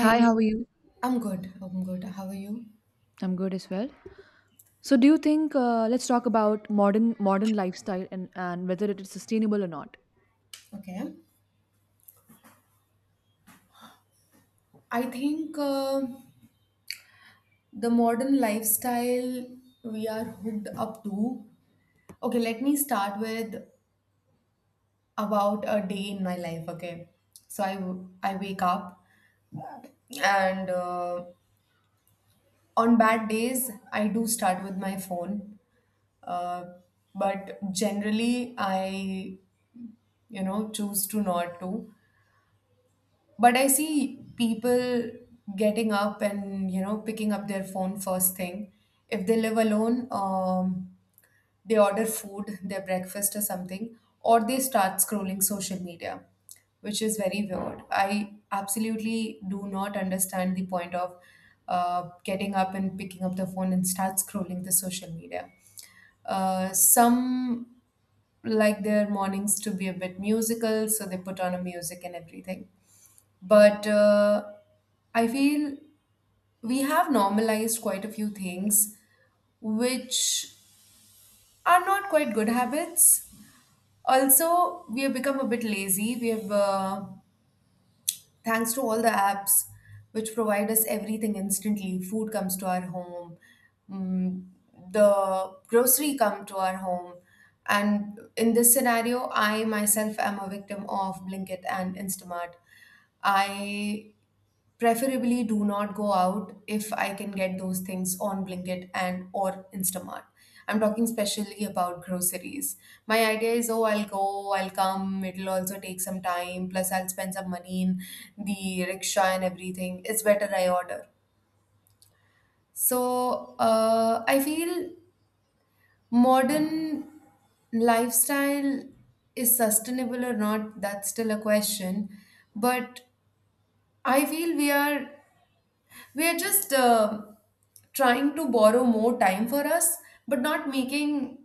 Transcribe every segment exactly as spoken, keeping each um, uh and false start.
Hi, how are you? I'm good. I'm good. How are you? I'm good as well. So, do you think uh, let's talk about modern modern lifestyle and, and whether it is sustainable or not? Okay. I think uh, the modern lifestyle we are hooked up to. Okay, let me start with about a day in my life. Okay, so I w- I wake up and uh, on bad days I do start with my phone, uh, but generally I you know choose to not to. But I see people getting up and, you know, picking up their phone first thing. If they live alone, um, they order food, their breakfast or something, or they start scrolling social media, which is very weird. I absolutely do not understand the point of uh, getting up and picking up the phone and start scrolling the social media. Uh, some like their mornings to be a bit musical, so they put on a music and everything but uh, I feel we have normalized quite a few things which are not quite good habits. Also, we have become a bit lazy. We have, uh, thanks to all the apps which provide us everything instantly, food comes to our home, mm, the grocery come to our home. And in this scenario, I myself am a victim of Blinkit and Instamart. I preferably do not go out if I can get those things on Blinkit and or Instamart. I'm talking specially about groceries. My idea is, oh, I'll go, I'll come, it'll also take some time, plus I'll spend some money in the rickshaw and everything. It's better I order. So uh, I feel modern lifestyle is sustainable or not, that's still a question. But I feel we are we are just uh, trying to borrow more time for us, but not making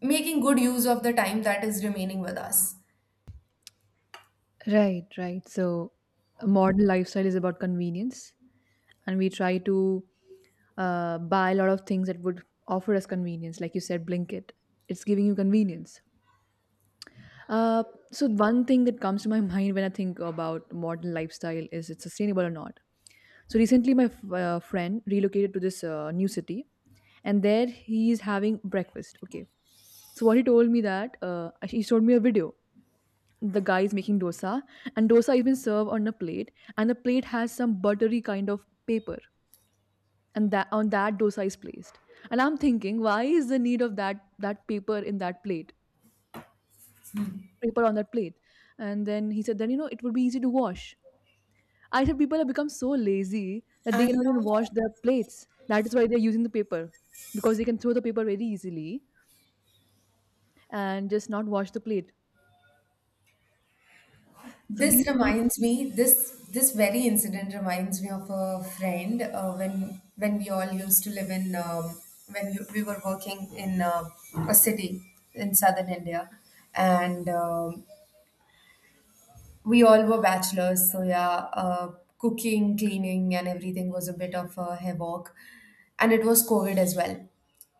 making good use of the time that is remaining with us. Right, right. So, a modern lifestyle is about convenience, and we try to uh, buy a lot of things that would offer us convenience. Like you said, Blinkit, it's giving you convenience. Uh, so, one thing that comes to my mind when I think about modern lifestyle is it's sustainable or not. So recently, my f- uh, friend relocated to this uh, new city, and there he is having breakfast. Okay, so what he told me that uh, he showed me a video. The guy is making dosa, and dosa has been served on a plate, and the plate has some buttery kind of paper, and that on that dosa is placed. And I'm thinking, why is the need of that that paper in that plate, paper on that plate? And then he said, then you know it would be easy to wash. I said people have become so lazy that I they cannot even wash know their plates. That is why they're using the paper because they can throw the paper very easily and just not wash the plate. So this these things. reminds me this this very incident reminds me of a friend uh, when when we all used to live in um, when you, we were working in uh, a city in southern India and um we all were bachelors, so yeah, uh, cooking, cleaning, and everything was a bit of a havoc. And it was COVID as well.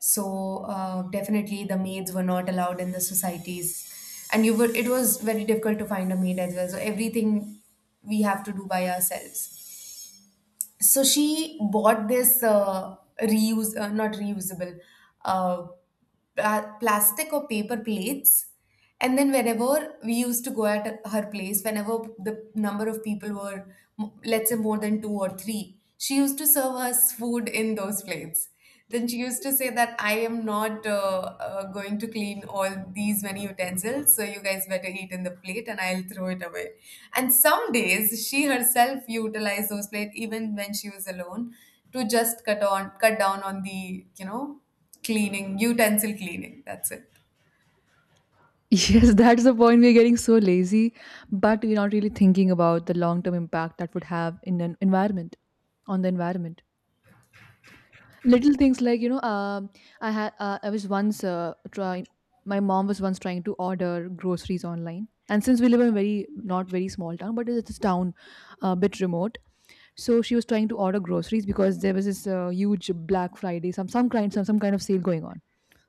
So uh, definitely the maids were not allowed in the societies. And you were, it was very difficult to find a maid as well. So everything we have to do by ourselves, so she bought this uh, reuse uh, not reusable uh, pla- plastic or paper plates, and then whenever we used to go at her place whenever the number of people were m- let's say more than two or three, she used to serve us food in those plates. Then she used to say that I am not uh, uh, going to clean all these many utensils, so you guys better eat in the plate and I'll throw it away. And some days she herself utilized those plates even when she was alone to just cut on cut down on the, you know cleaning utensil cleaning. That's it. Yes, that's the point. We're getting so lazy, but we're not really thinking about the long-term impact that would have in an environment, on the environment. Little things like you know, um, I had uh, I was once uh, trying. My mom was once trying to order groceries online, and since we live in a very not very small town, but it's a town, a bit remote. So she was trying to order groceries because there was this uh, huge Black Friday, some some kind some some kind of sale going on.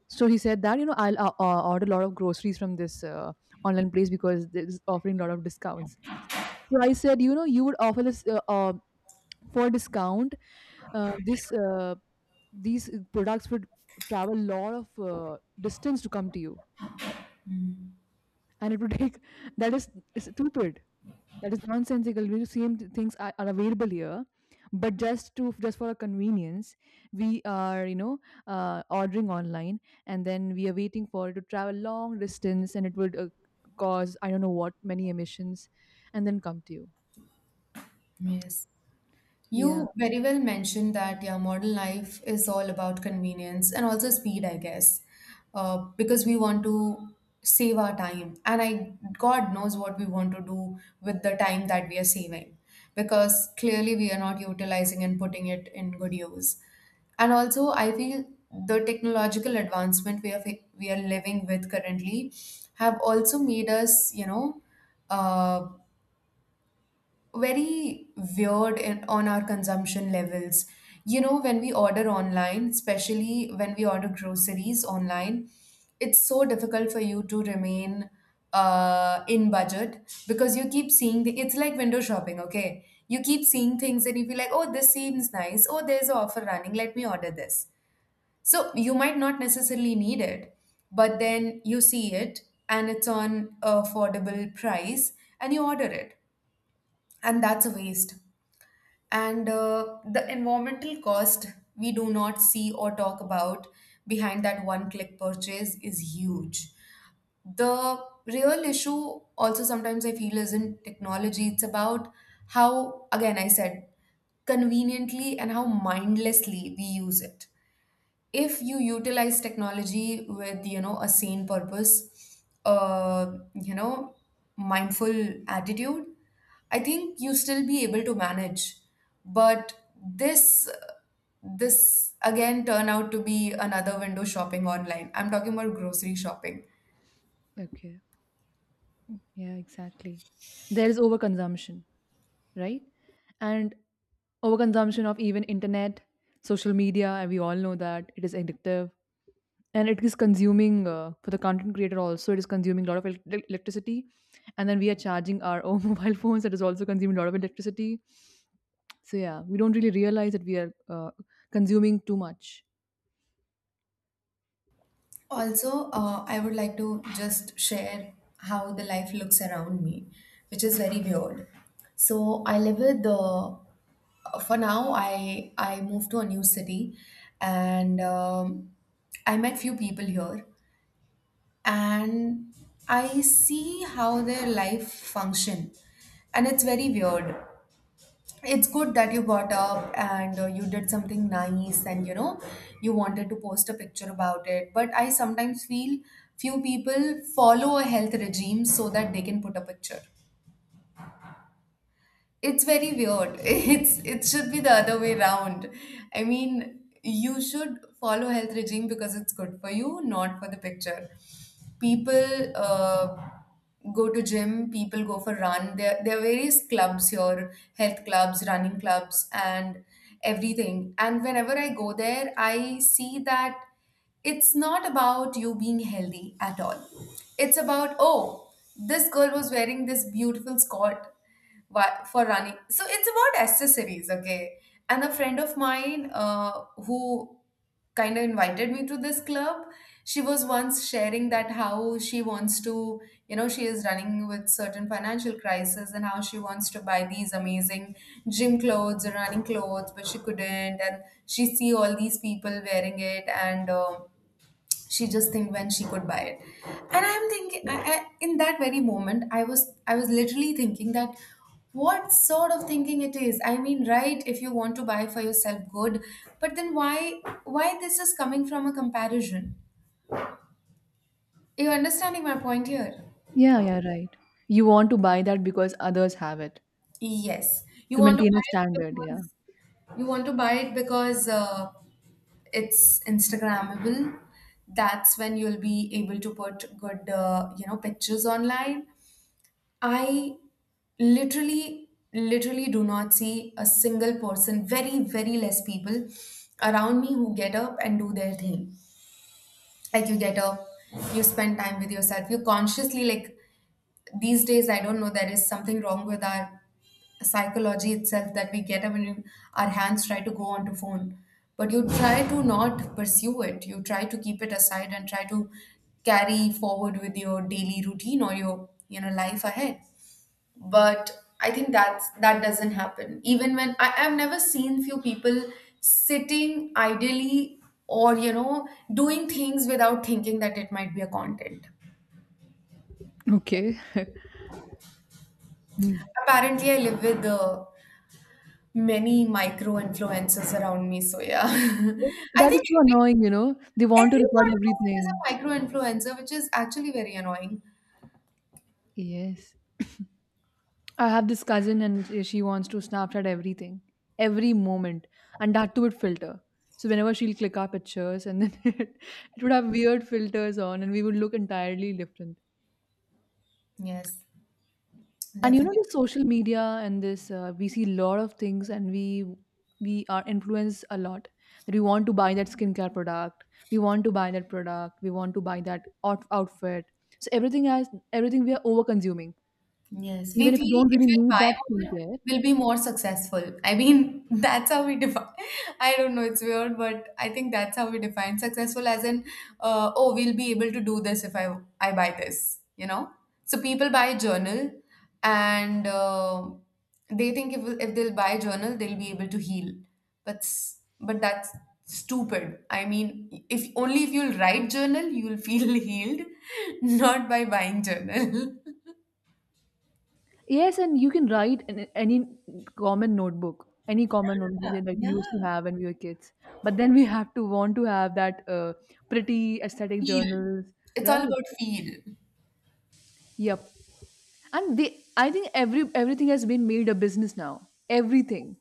So he said that you know I'll uh, uh, order a lot of groceries from this uh, online place because it's offering a lot of discounts. So I said you know you would offer this uh, uh, for discount, uh, this uh, these products would travel a lot of uh, distance to come to you, and it would take that is, is stupid, that is nonsensical. We same th- things are, are available here, but just to just for a convenience we are you know uh, ordering online, and then we are waiting for it to travel long distance, and it would uh, cause, I don't know what, many emissions, and then come to you. Yes. Yeah. You very well mentioned that yeah, modern life is all about convenience and also speed, I guess, uh, because we want to save our time, and I God knows what we want to do with the time that we are saving, because clearly we are not utilizing and putting it in good use, and also I feel the technological advancement we are fa- we are living with currently have also made us, you know. Uh, Very weird in, on our consumption levels. You know, when we order online, especially when we order groceries online, it's so difficult for you to remain uh, in budget because you keep seeing the, it's like window shopping, okay? You keep seeing things and you feel like, oh, this seems nice. Oh, there's an offer running. Let me order this. So you might not necessarily need it, but then you see it and it's on affordable price and you order it. And that's a waste, and uh, the environmental cost we do not see or talk about behind that one click purchase is huge. The real issue, also, sometimes I feel, isn't technology, it's about how, again, I said, conveniently and how mindlessly we use it. If you utilize technology with you know a sane purpose, uh you know mindful attitude, I think you still be able to manage. But this this again turn out to be another window shopping online, I'm talking about grocery shopping. Okay, yeah, exactly, there is overconsumption, right? And overconsumption of even internet, social media, and we all know that it is addictive, and it is consuming, uh, for the content creator also, it is consuming a lot of el- el- electricity, and then we are charging our own mobile phones, that is also consuming a lot of electricity. So yeah, we don't really realize that we are uh, consuming too much. Also, uh, I would like to just share how the life looks around me, which is very weird. So I live with the. For now, I I moved to a new city, and um, I met few people here, and I see how their life function, and it's very weird. It's good that you got up and uh, you did something nice and, you know you wanted to post a picture about it, but I sometimes feel few people follow a health regime so that they can put a picture. It's very weird. It's it should be the other way round. I mean, you should follow health regime because it's good for you, not for the picture. People uh, go to gym, people go for run. There there are various clubs here, health clubs, running clubs, and everything. And whenever I go there, I see that it's not about you being healthy at all. It's about, oh, this girl was wearing this beautiful skirt why, for running. So it's about accessories, okay? And a friend of mine uh, who kind of invited me to this club, she was once sharing that how she wants to, you know, she is running with certain financial crisis and how she wants to buy these amazing gym clothes, or running clothes, but she couldn't. And she see all these people wearing it and. Uh, she just think when she could buy it, and I'm thinking I, I, in that very moment i was I was literally thinking that what sort of thinking it is. I mean right, if you want to buy for yourself good, but then why why this is coming from a comparison? Are you understanding my point here? Yeah, yeah, right, you want to buy that because others have it, Yes, you to want to maintain a buy it standard. Yeah. because you want to buy it because uh, it's instagrammable. That's when you'll be able to put good uh, you know pictures online. I literally literally do not see a single person, very very less people around me who get up and do their thing. Like you get up, you spend time with yourself, you consciously, like, these days I don't know there is something wrong with our psychology itself that we get up and you- our hands try to go onto phone, but you try to not pursue it, you try to keep it aside and try to carry forward with your daily routine or your, you know life ahead. But I think that's that doesn't happen. Even when I, I've never seen few people sitting idly or, you know doing things without thinking that it might be a content. Okay. Hmm. Apparently I live with uh, many micro influencers around me, so yeah. I That is think so annoying, every, you know they want to every record third person everything. is a micro influencer, which is actually very annoying. Yes. I have this cousin and uh, she wants to Snapchat everything, every moment, and that too with filter. So whenever she'll click our pictures, and then it, it would have weird filters on, and we would look entirely different. Yes, And you know, the definitely. social media and this, uh, we see a lot of things, and we we are influenced a lot. That we want to buy that skincare product, we want to buy that product, we want to buy that out- outfit. So everything has everything we are over consuming, Yes, we even if you feel don't if really we need that buy more, skincare. we'll be more successful. I mean, that's how we define. I don't know, it's weird, but I think that's how we define successful as in, uh, oh, we'll be able to do this if I I buy this, you know? So people buy a journal and uh, they think if if they'll buy a journal, they'll be able to heal. But s- but that's stupid. I mean, if only if you'll write journal, you'll feel healed, not by buying journal. Yes, and you can write in any common notebook, any common notebook that, like, we used to have when we were kids. But then we have to want to have that uh, pretty aesthetic Feel. journals, It's right? all about feel. Yep. And they, I think every everything has been made a business now. Everything.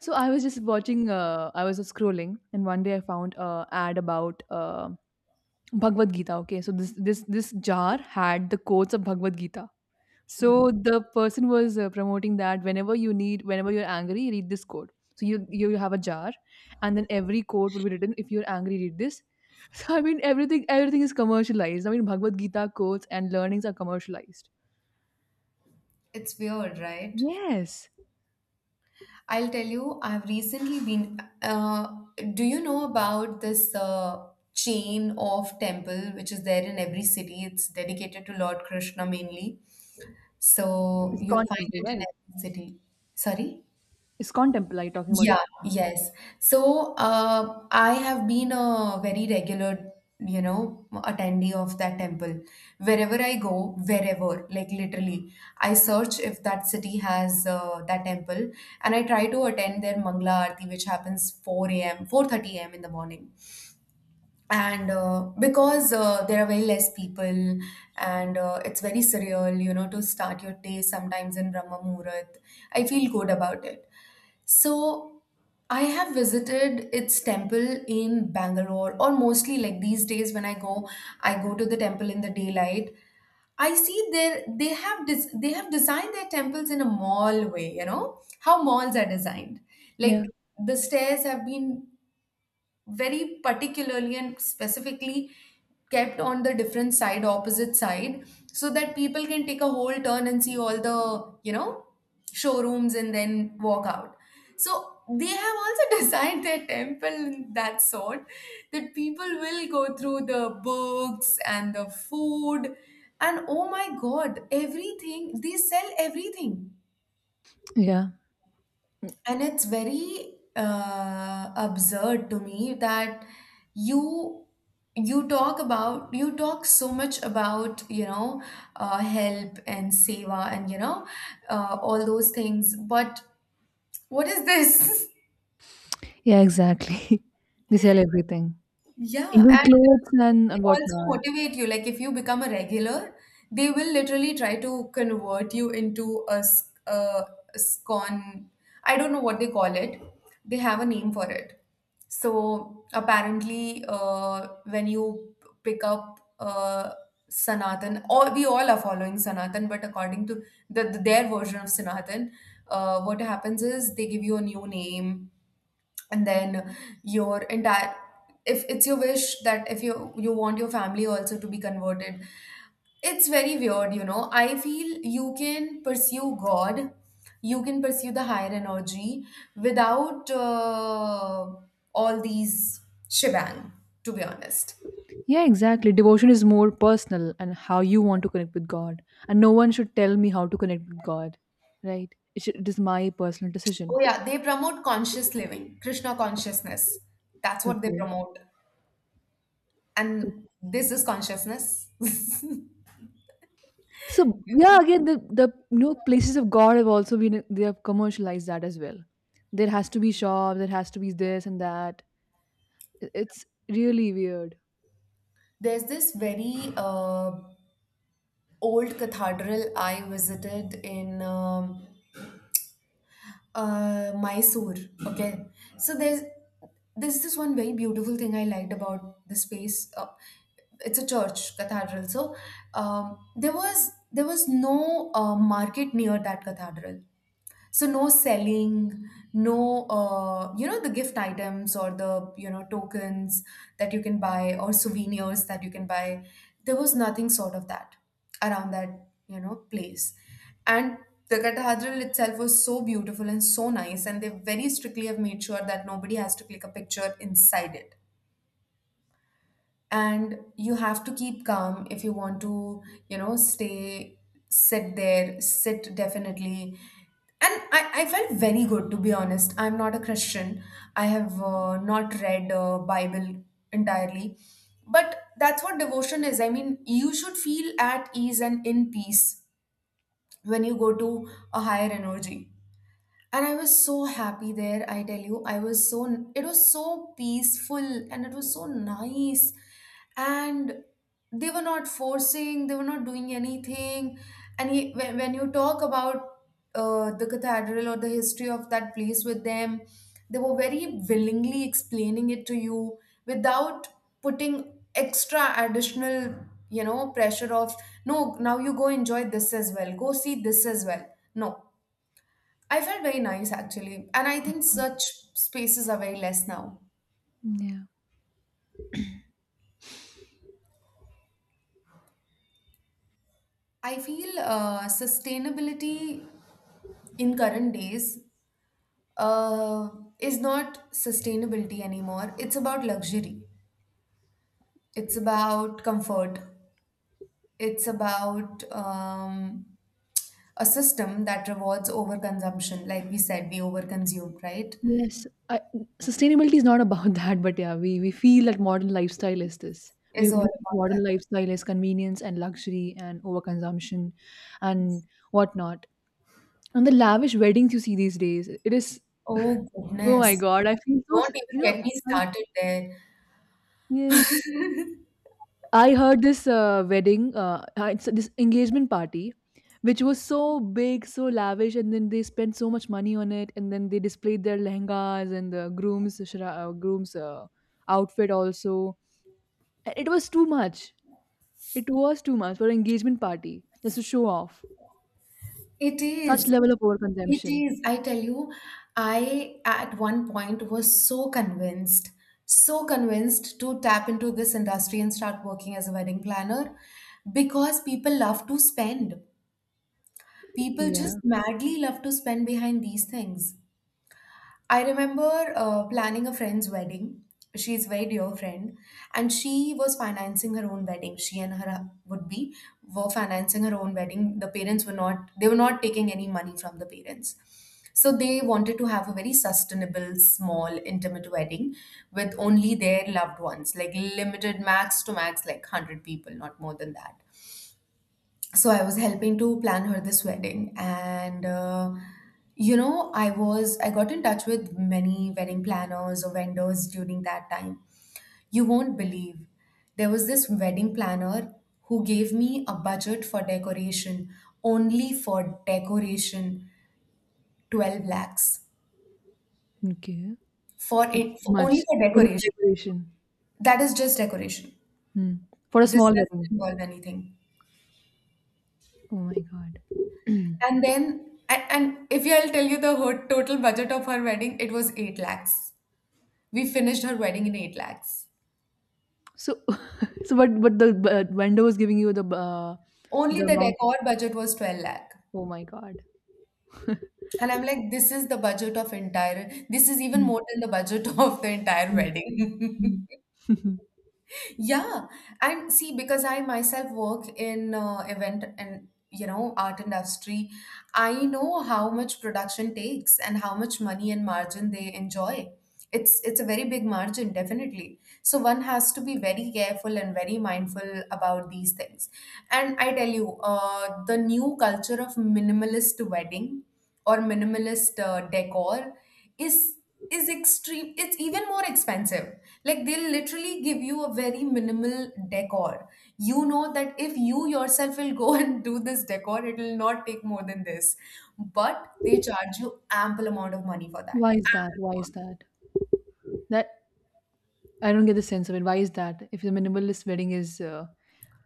So I was just watching. Uh, I was just scrolling, and one day I found a ad about uh, Bhagavad Gita. Okay, so this this this jar had the quotes of Bhagavad Gita. Hmm. So the person was uh, promoting that whenever you need, whenever you're angry, read this quote. So you you have a jar, and then every quote will be written. If you're angry, read this. So I mean, everything everything is commercialized. I mean, Bhagavad Gita quotes and learnings are commercialized. It's weird, right? Yes, I'll tell you, I've recently been. Uh, do you know about this uh, chain of temple which is there in every city? It's dedicated to Lord Krishna mainly. So Hmm. it's you'll find contemporary, it in right? every city. Sorry? It's contemporary. Talking about, Yeah, yes. So, uh, I have been a very regular, you know, attendee of that temple. Wherever I go, wherever, like literally, I search if that city has uh, that temple, and I try to attend their Mangla Aarti, which happens four a m, four thirty a m in the morning, and uh, because uh, there are very less people and uh, it's very surreal, you know to start your day sometimes in brahma muhurat. I feel good about it. So I have visited its temple in Bangalore, or mostly like these days when I go, I go to the temple in the daylight. I see there they have des- they have designed their temples in a mall way, you know how malls are designed. Like yeah, the stairs have been very particularly and specifically kept on the different side, opposite side, so that people can take a whole turn and see all the, you know, showrooms and then walk out. So they have also designed their temple in that sort that people will go through the books and the food and, oh my god, everything, they sell everything. yeah, And it's very uh, absurd to me that you you talk about, you talk so much about, you know uh, help and seva and you know uh, all those things, but what is this? yeah, exactly. They sell everything, Yeah, and even clothes uh, and they and also whatnot. motivate you. Like, if you become a regular, they will literally try to convert you into a, s- a scon. I don't know what they call it. They have a name for it. So apparently, uh, when you pick up uh, Sanatan, or we all are following Sanatan, but according to the, the- their version of Sanatan, uh, what happens is they give you a new name, and then your entire, if it's your wish, that if you you want your family also to be converted. It's very weird, you know, I feel you can pursue god, you can pursue the higher energy without uh, all these shebang, to be honest. Yeah, exactly. Devotion is more personal, and how you want to connect with God. And no one should tell me how to connect with God, right? It, should, it is my personal Oh decision. yeah, they promote conscious living, Krishna consciousness, that's what they Okay. promote. And this is consciousness. So yeah, again, the the you know places of God, have also been they have commercialized that as well. There has to be shops. There has to be this and that. I- It's really weird. There's this very uh, old cathedral I visited in um, uh, Mysore. Okay, so there's there's this one very beautiful thing I liked about this place. Uh, it's a church cathedral. So um, there was there was no uh, market near that cathedral, so no selling, no uh, you know, the gift items or the, you know, tokens that you can buy or souvenirs that you can buy. There was nothing sort of that around that, you know, place. And the cathedral itself was so beautiful and so nice, and they very strictly have made sure that nobody has to click a picture inside it, and you have to keep calm if you want to, you know, stay, sit there, sit, definitely. And I, I felt very good, to be honest. I'm not a Christian. I have uh, not read uh, Bible entirely, but that's what devotion is. I mean, you should feel at ease and in peace when you go to a higher energy. And I was so happy there, I tell you, I was so, it was so peaceful, and it was so nice. And they were not forcing, they were not doing anything. And he, when, when you talk about uh, the cathedral or the history of that place with them, they were very willingly explaining it to you without putting extra, additional, you know, pressure of, no, now you go enjoy this as well, go see this as well. No. I felt very nice, actually, and I think such spaces are very less now. Yeah. I feel uh, sustainability in current days uh, is not sustainability anymore. It's about luxury. It's about comfort. It's about um, a system that rewards overconsumption. Like we said, we overconsume, right? Yes, I, sustainability is not about that, but yeah, we, we feel that modern lifestyle is this. We, Is all we about that. modern lifestyle is convenience and luxury and overconsumption and whatnot. And the lavish weddings you see these days, it is, Oh oh my goodness! God, I feel so, s- Don't you even get know, me I, started there. yes. I heard this uh, wedding, uh, uh, it's this engagement party, which was so big, so lavish, and then they spent so much money on it, and then they displayed their lehengas and the groom's shra- uh, groom's uh, outfit also. And it was too much. It was too much for an engagement party, just to show off. It Such is. level of It overconsumption. is. I tell you, I at one point was so convinced, so convinced to tap into this industry and start working as a wedding planner, because people love to spend. People Yeah. just madly love to spend behind these things. I remember uh, planning a friend's wedding. She's a very dear friend, and she was financing her own wedding. She and her hu- would be were financing her own wedding. The parents were not; they were not taking any money from the parents. So they wanted to have a very sustainable, small, intimate wedding with only their loved ones, like limited, max to max, like hundred people, not more than that. So I was helping to plan her this wedding, and uh, you know, i was i got in touch with many wedding planners or vendors during that time. You won't believe, there was this wedding planner who gave me a budget for decoration, only for decoration, twelve lakhs, Okay. for That's it, too for, only much. for Only for decoration. decoration. That is just decoration, Hmm. For a this small doesn't wedding. involve anything. Oh my god. And then, and, and if I'll tell you the whole total budget of her wedding, it was eight lakhs. We finished her wedding in eight lakhs. So So, but but the but vendor was giving you the uh, Only the the amount. decor budget was twelve lakh. Oh my god. And I'm like, this is the budget of entire, this is even Mm, more than the budget of the entire mm, wedding. mm. Yeah, and see, because I myself work in uh, event and, you know, art industry, I know how much production takes and how much money and margin they enjoy. It's it's a very big margin, definitely. So one has to be very careful and very mindful about these things. And I tell you, uh, the new culture of minimalist wedding or minimalist uh, decor is is extreme, it's even more expensive. Like, they'll literally give you a very minimal decor, you know, that if you yourself will go and do this decor, it will not take more than this, but they charge you ample amount of money for that, Why is that? Why ample is amount. that? That, I don't get the sense of it. Why is that? If the minimalist wedding is uh,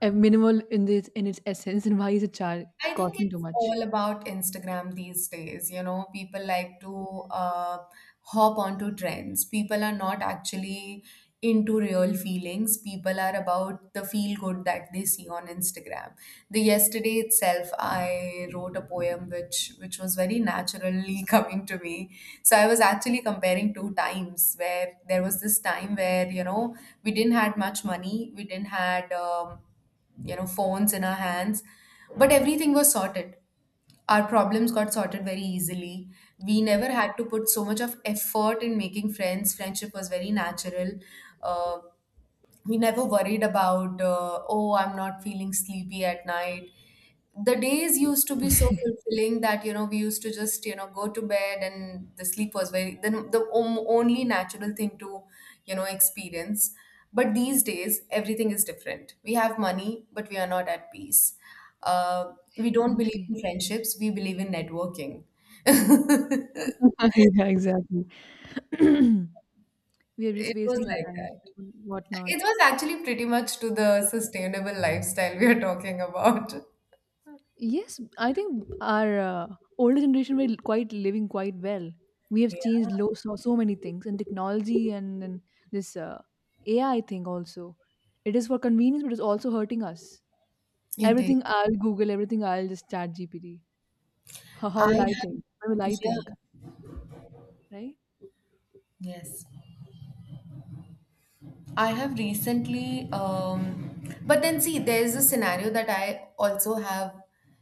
a minimal in this in its essence, then why is it char- I think costing too it's much? all about Instagram these days. You know, people like to uh, hop onto trends. People are not actually into real feelings. People are about the feel good that they see on Instagram. The yesterday itself, I wrote a poem which which was very naturally coming to me. So I was actually comparing two times where there was this time where, you know, we didn't had much money, we didn't had, um, you know, phones in our hands, but everything was sorted, our problems got sorted very easily. We never had to put so much of effort in making friends, friendship was very natural. uh, we never worried about uh, oh, I'm not feeling sleepy at night. The days used to be so fulfilling that, you know, we used to just, you know, go to bed, and the sleep was very then the om- only natural thing to, you know, experience. But these days everything is different, we have money but we are not at peace. Uh, we don't believe Exactly. in friendships, we believe in networking. Yeah, exactly. We are just It was wasting our like time. that. What not? It was actually pretty much to the sustainable lifestyle we are talking about. Yes, I think our uh, older generation were quite living quite well. We have Yeah, changed lo- so, so many things, and technology, and in this uh, A I thing also. It is for convenience, but it's also hurting us. it is. Everything I'll Google, everything I'll just chat G P T. How, how I will I think? have. What will I think? Yeah. Right? Yes. I have recently, um, but then see, there's a scenario that I also have.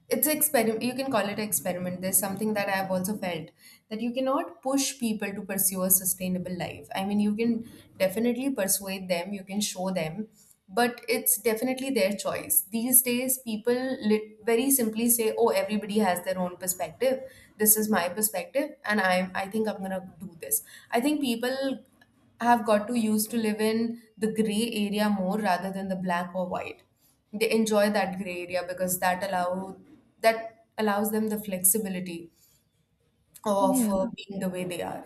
It's experiment. You can call it experiment. There's something that I've also felt that you cannot push people to pursue a sustainable life. I mean, you can definitely persuade them. You can show them, but it's definitely their choice. These days, people lit- very simply say, "Oh, everybody has their own perspective. This is my perspective, and I'm. I think I'm gonna do this." I think people have got to used to live in the gray area more rather than the black or white. They enjoy that gray area because that allow that allows them the flexibility of Yeah. uh, being the way they are.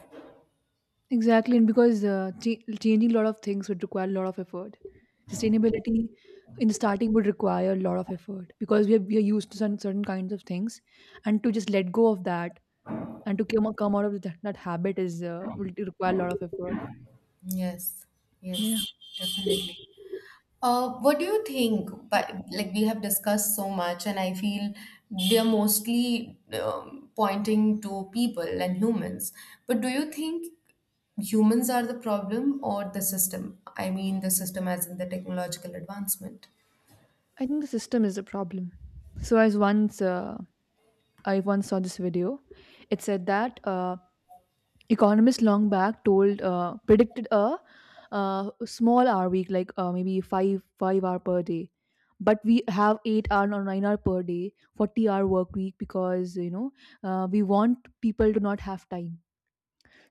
Exactly, and because uh, ch- changing a lot of things would require a lot of effort. Sustainability in the starting would require a lot of effort because we are, we are used to certain, certain kinds of things, and to just let go of that, and to come, come out of that, that habit is uh, will require a lot of effort. Yes, Yeah, yes, definitely. Uh, what do you think? But like we have discussed so much, and I feel they're mostly um, pointing to people and humans. But do you think humans are the problem or the system? I mean, the system as in the technological advancement. I think the system is the problem. So I was once uh, I once saw this video. It said that uh, economists long back told uh, predicted a uh, small hour week, like uh, maybe five five hour per day, but we have eight hour or nine hour per day, forty hour work week, because you know uh, we want people to not have time.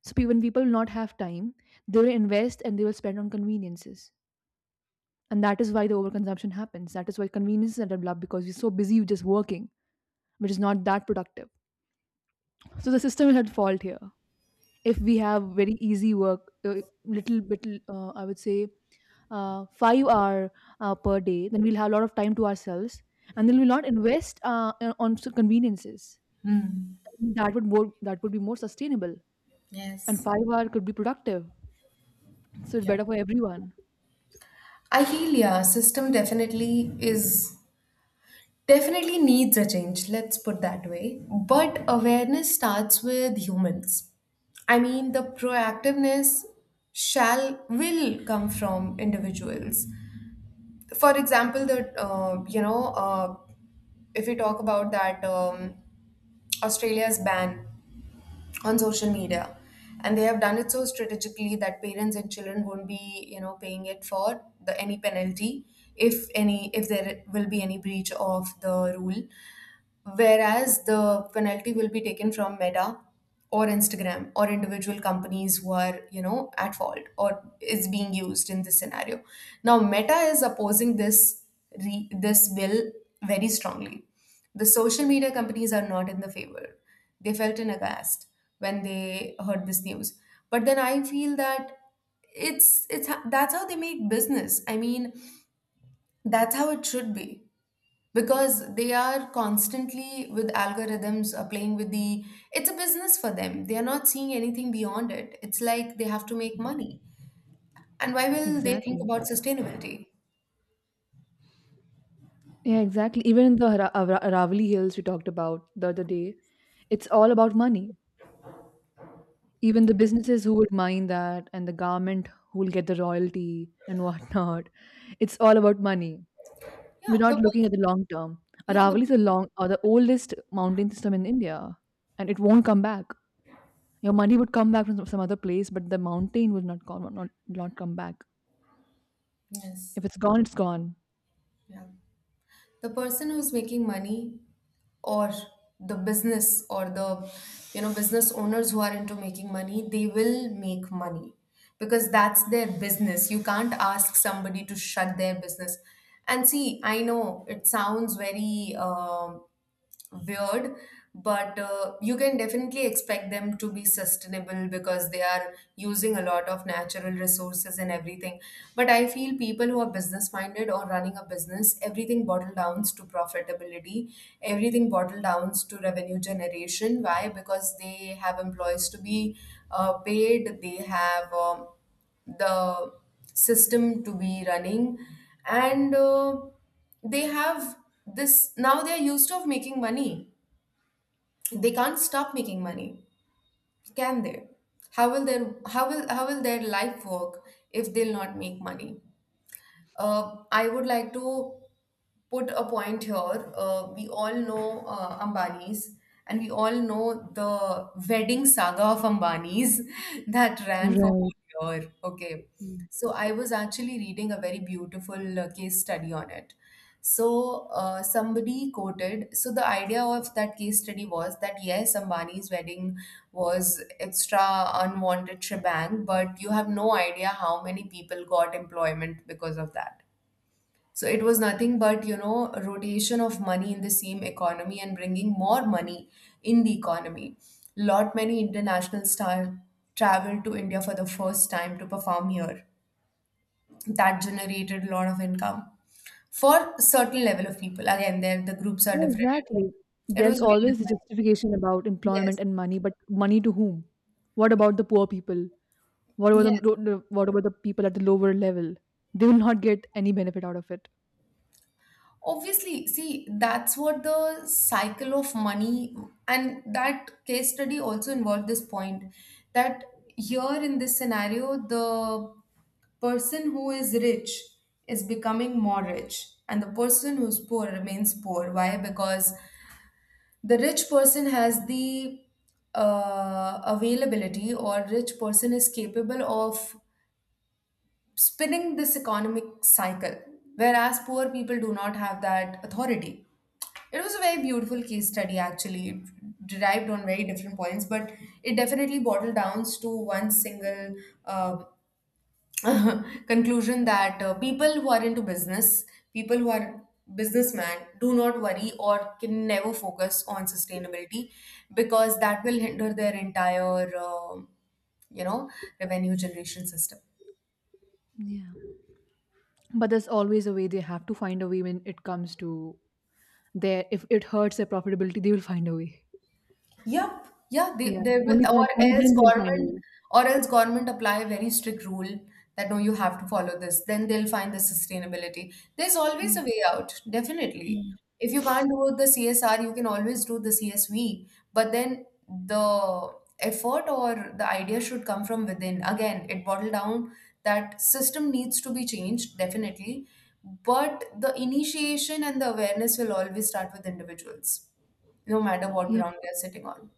So pe- when people will not have time, they will invest and they will spend on conveniences, and that is why the overconsumption happens, that is why conveniences are developed, because we're so busy with just working, which is not that productive. So the system is at fault here. If we have very easy work, uh, little bit, uh, I would say, uh, five hour uh, per day, then we'll have a lot of time to ourselves, and then we'll not invest uh, uh, on s- conveniences. Hmm. That would more that would be more sustainable, and Yes. five hour could be productive, so it's Yeah. better for everyone. I feel, yeah, system definitely is, definitely needs a change, let's put that way. But awareness starts with humans. I mean, the proactiveness shall, will come from individuals. For example, the uh, you know uh, if we talk about that um, Australia's ban on social media, and they have done it so strategically that parents and children won't be, you know, paying it for the any penalty, if any, if there will be any breach of the rule, whereas the penalty will be taken from Meta or Instagram or individual companies who are, you know, at fault or is being used in this scenario. Now Meta is opposing this, re- this bill, very strongly. The social media companies are not in the favor. They felt in aghast when they heard this news. But then I feel that it's it's that's how they make business. I mean, that's how it should be, because they are constantly with algorithms are playing with the, it's a business for them, they are not seeing anything beyond it. It's like they have to make money, and why will they think Exactly. about sustainability? Yeah, exactly. Even in the Ara- Ara- Aravali Hills we talked about the other day, it's all about money. Even the businesses who would mine that, and the government who will get the royalty and whatnot. It's all about money. Yeah, We're the not looking person. at the long term. Yeah, the. Aravali is the long or the oldest mountain system in India, and it won't come back. Your money would come back from some some other place, but the mountain will not come, not not come back. Yes. If it's gone, it's gone. Yeah, the person who's making money, or the business, or the, you know, business owners who are into making money, they will make money, because that's their business, you can't ask somebody to shut their business. And see, I know it sounds very um, weird, but uh, you can definitely expect them to be sustainable because they are using a lot of natural resources and everything. But I feel people who are business minded or running a business, everything bottle downs to profitability, everything bottle downs to revenue generation. Why? Because they have employees to be uh, paid, they have, um, the system to be running, and uh, they have this, now they are used of making money, they can't stop making money, can they? How will their how will how will their life work if they'll not make money? uh, I would like to put a point here. Uh, we all know uh, Ambani's, and we all know the wedding saga of Ambani's that ran for Right. one year. Okay. So I was actually reading a very beautiful uh, case study on it. So uh, somebody quoted. So the idea of that case study was that yes, Ambani's wedding was extra unwanted shebang, but you have no idea how many people got employment because of that. So it was nothing but, you know, rotation of money in the same economy and bringing more money in the economy. Lot many international stars traveled to India for the first time to perform here. That generated a lot of income for certain level of people. Again, there the groups are Yeah, different. exactly. It was There's well always a defined. justification about employment Yes. and money, but money to whom? What about the poor people? What about Yes. the the- what about the people at the lower level? They will not get any benefit out of it. Obviously, see, that's what the cycle of money, and that case study also involved this point, that here in this scenario, the person who is rich is becoming more rich and the person who's poor remains poor. Why? Because the rich person has the uh, availability, or rich person is capable of spinning this economic cycle, whereas poor people do not have that authority. It was a very beautiful case study, actually. It derived on very different points, but it definitely bottled down to one single uh, conclusion that uh, people who are into business, people who are businessmen, do not worry or can never focus on sustainability, because that will hinder their entire, um, you know, revenue generation system. Yeah. But there's always a way. They have to find a way when it comes to their. If it hurts their profitability, they will find a way. Yep. Yeah, they, Yeah. they will, Only or then, only else then they'll find a government, way. or else government apply a very strict rule that no, you have to follow this. Then they'll find the sustainability. There's always a way out, definitely. Yeah. If you can't do the C S R, you can always do the C S V. But then the effort or the idea should come from within. Again, it boiled down that system needs to be changed, definitely. But the initiation and the awareness will always start with individuals, no matter what Yep. ground they're sitting on.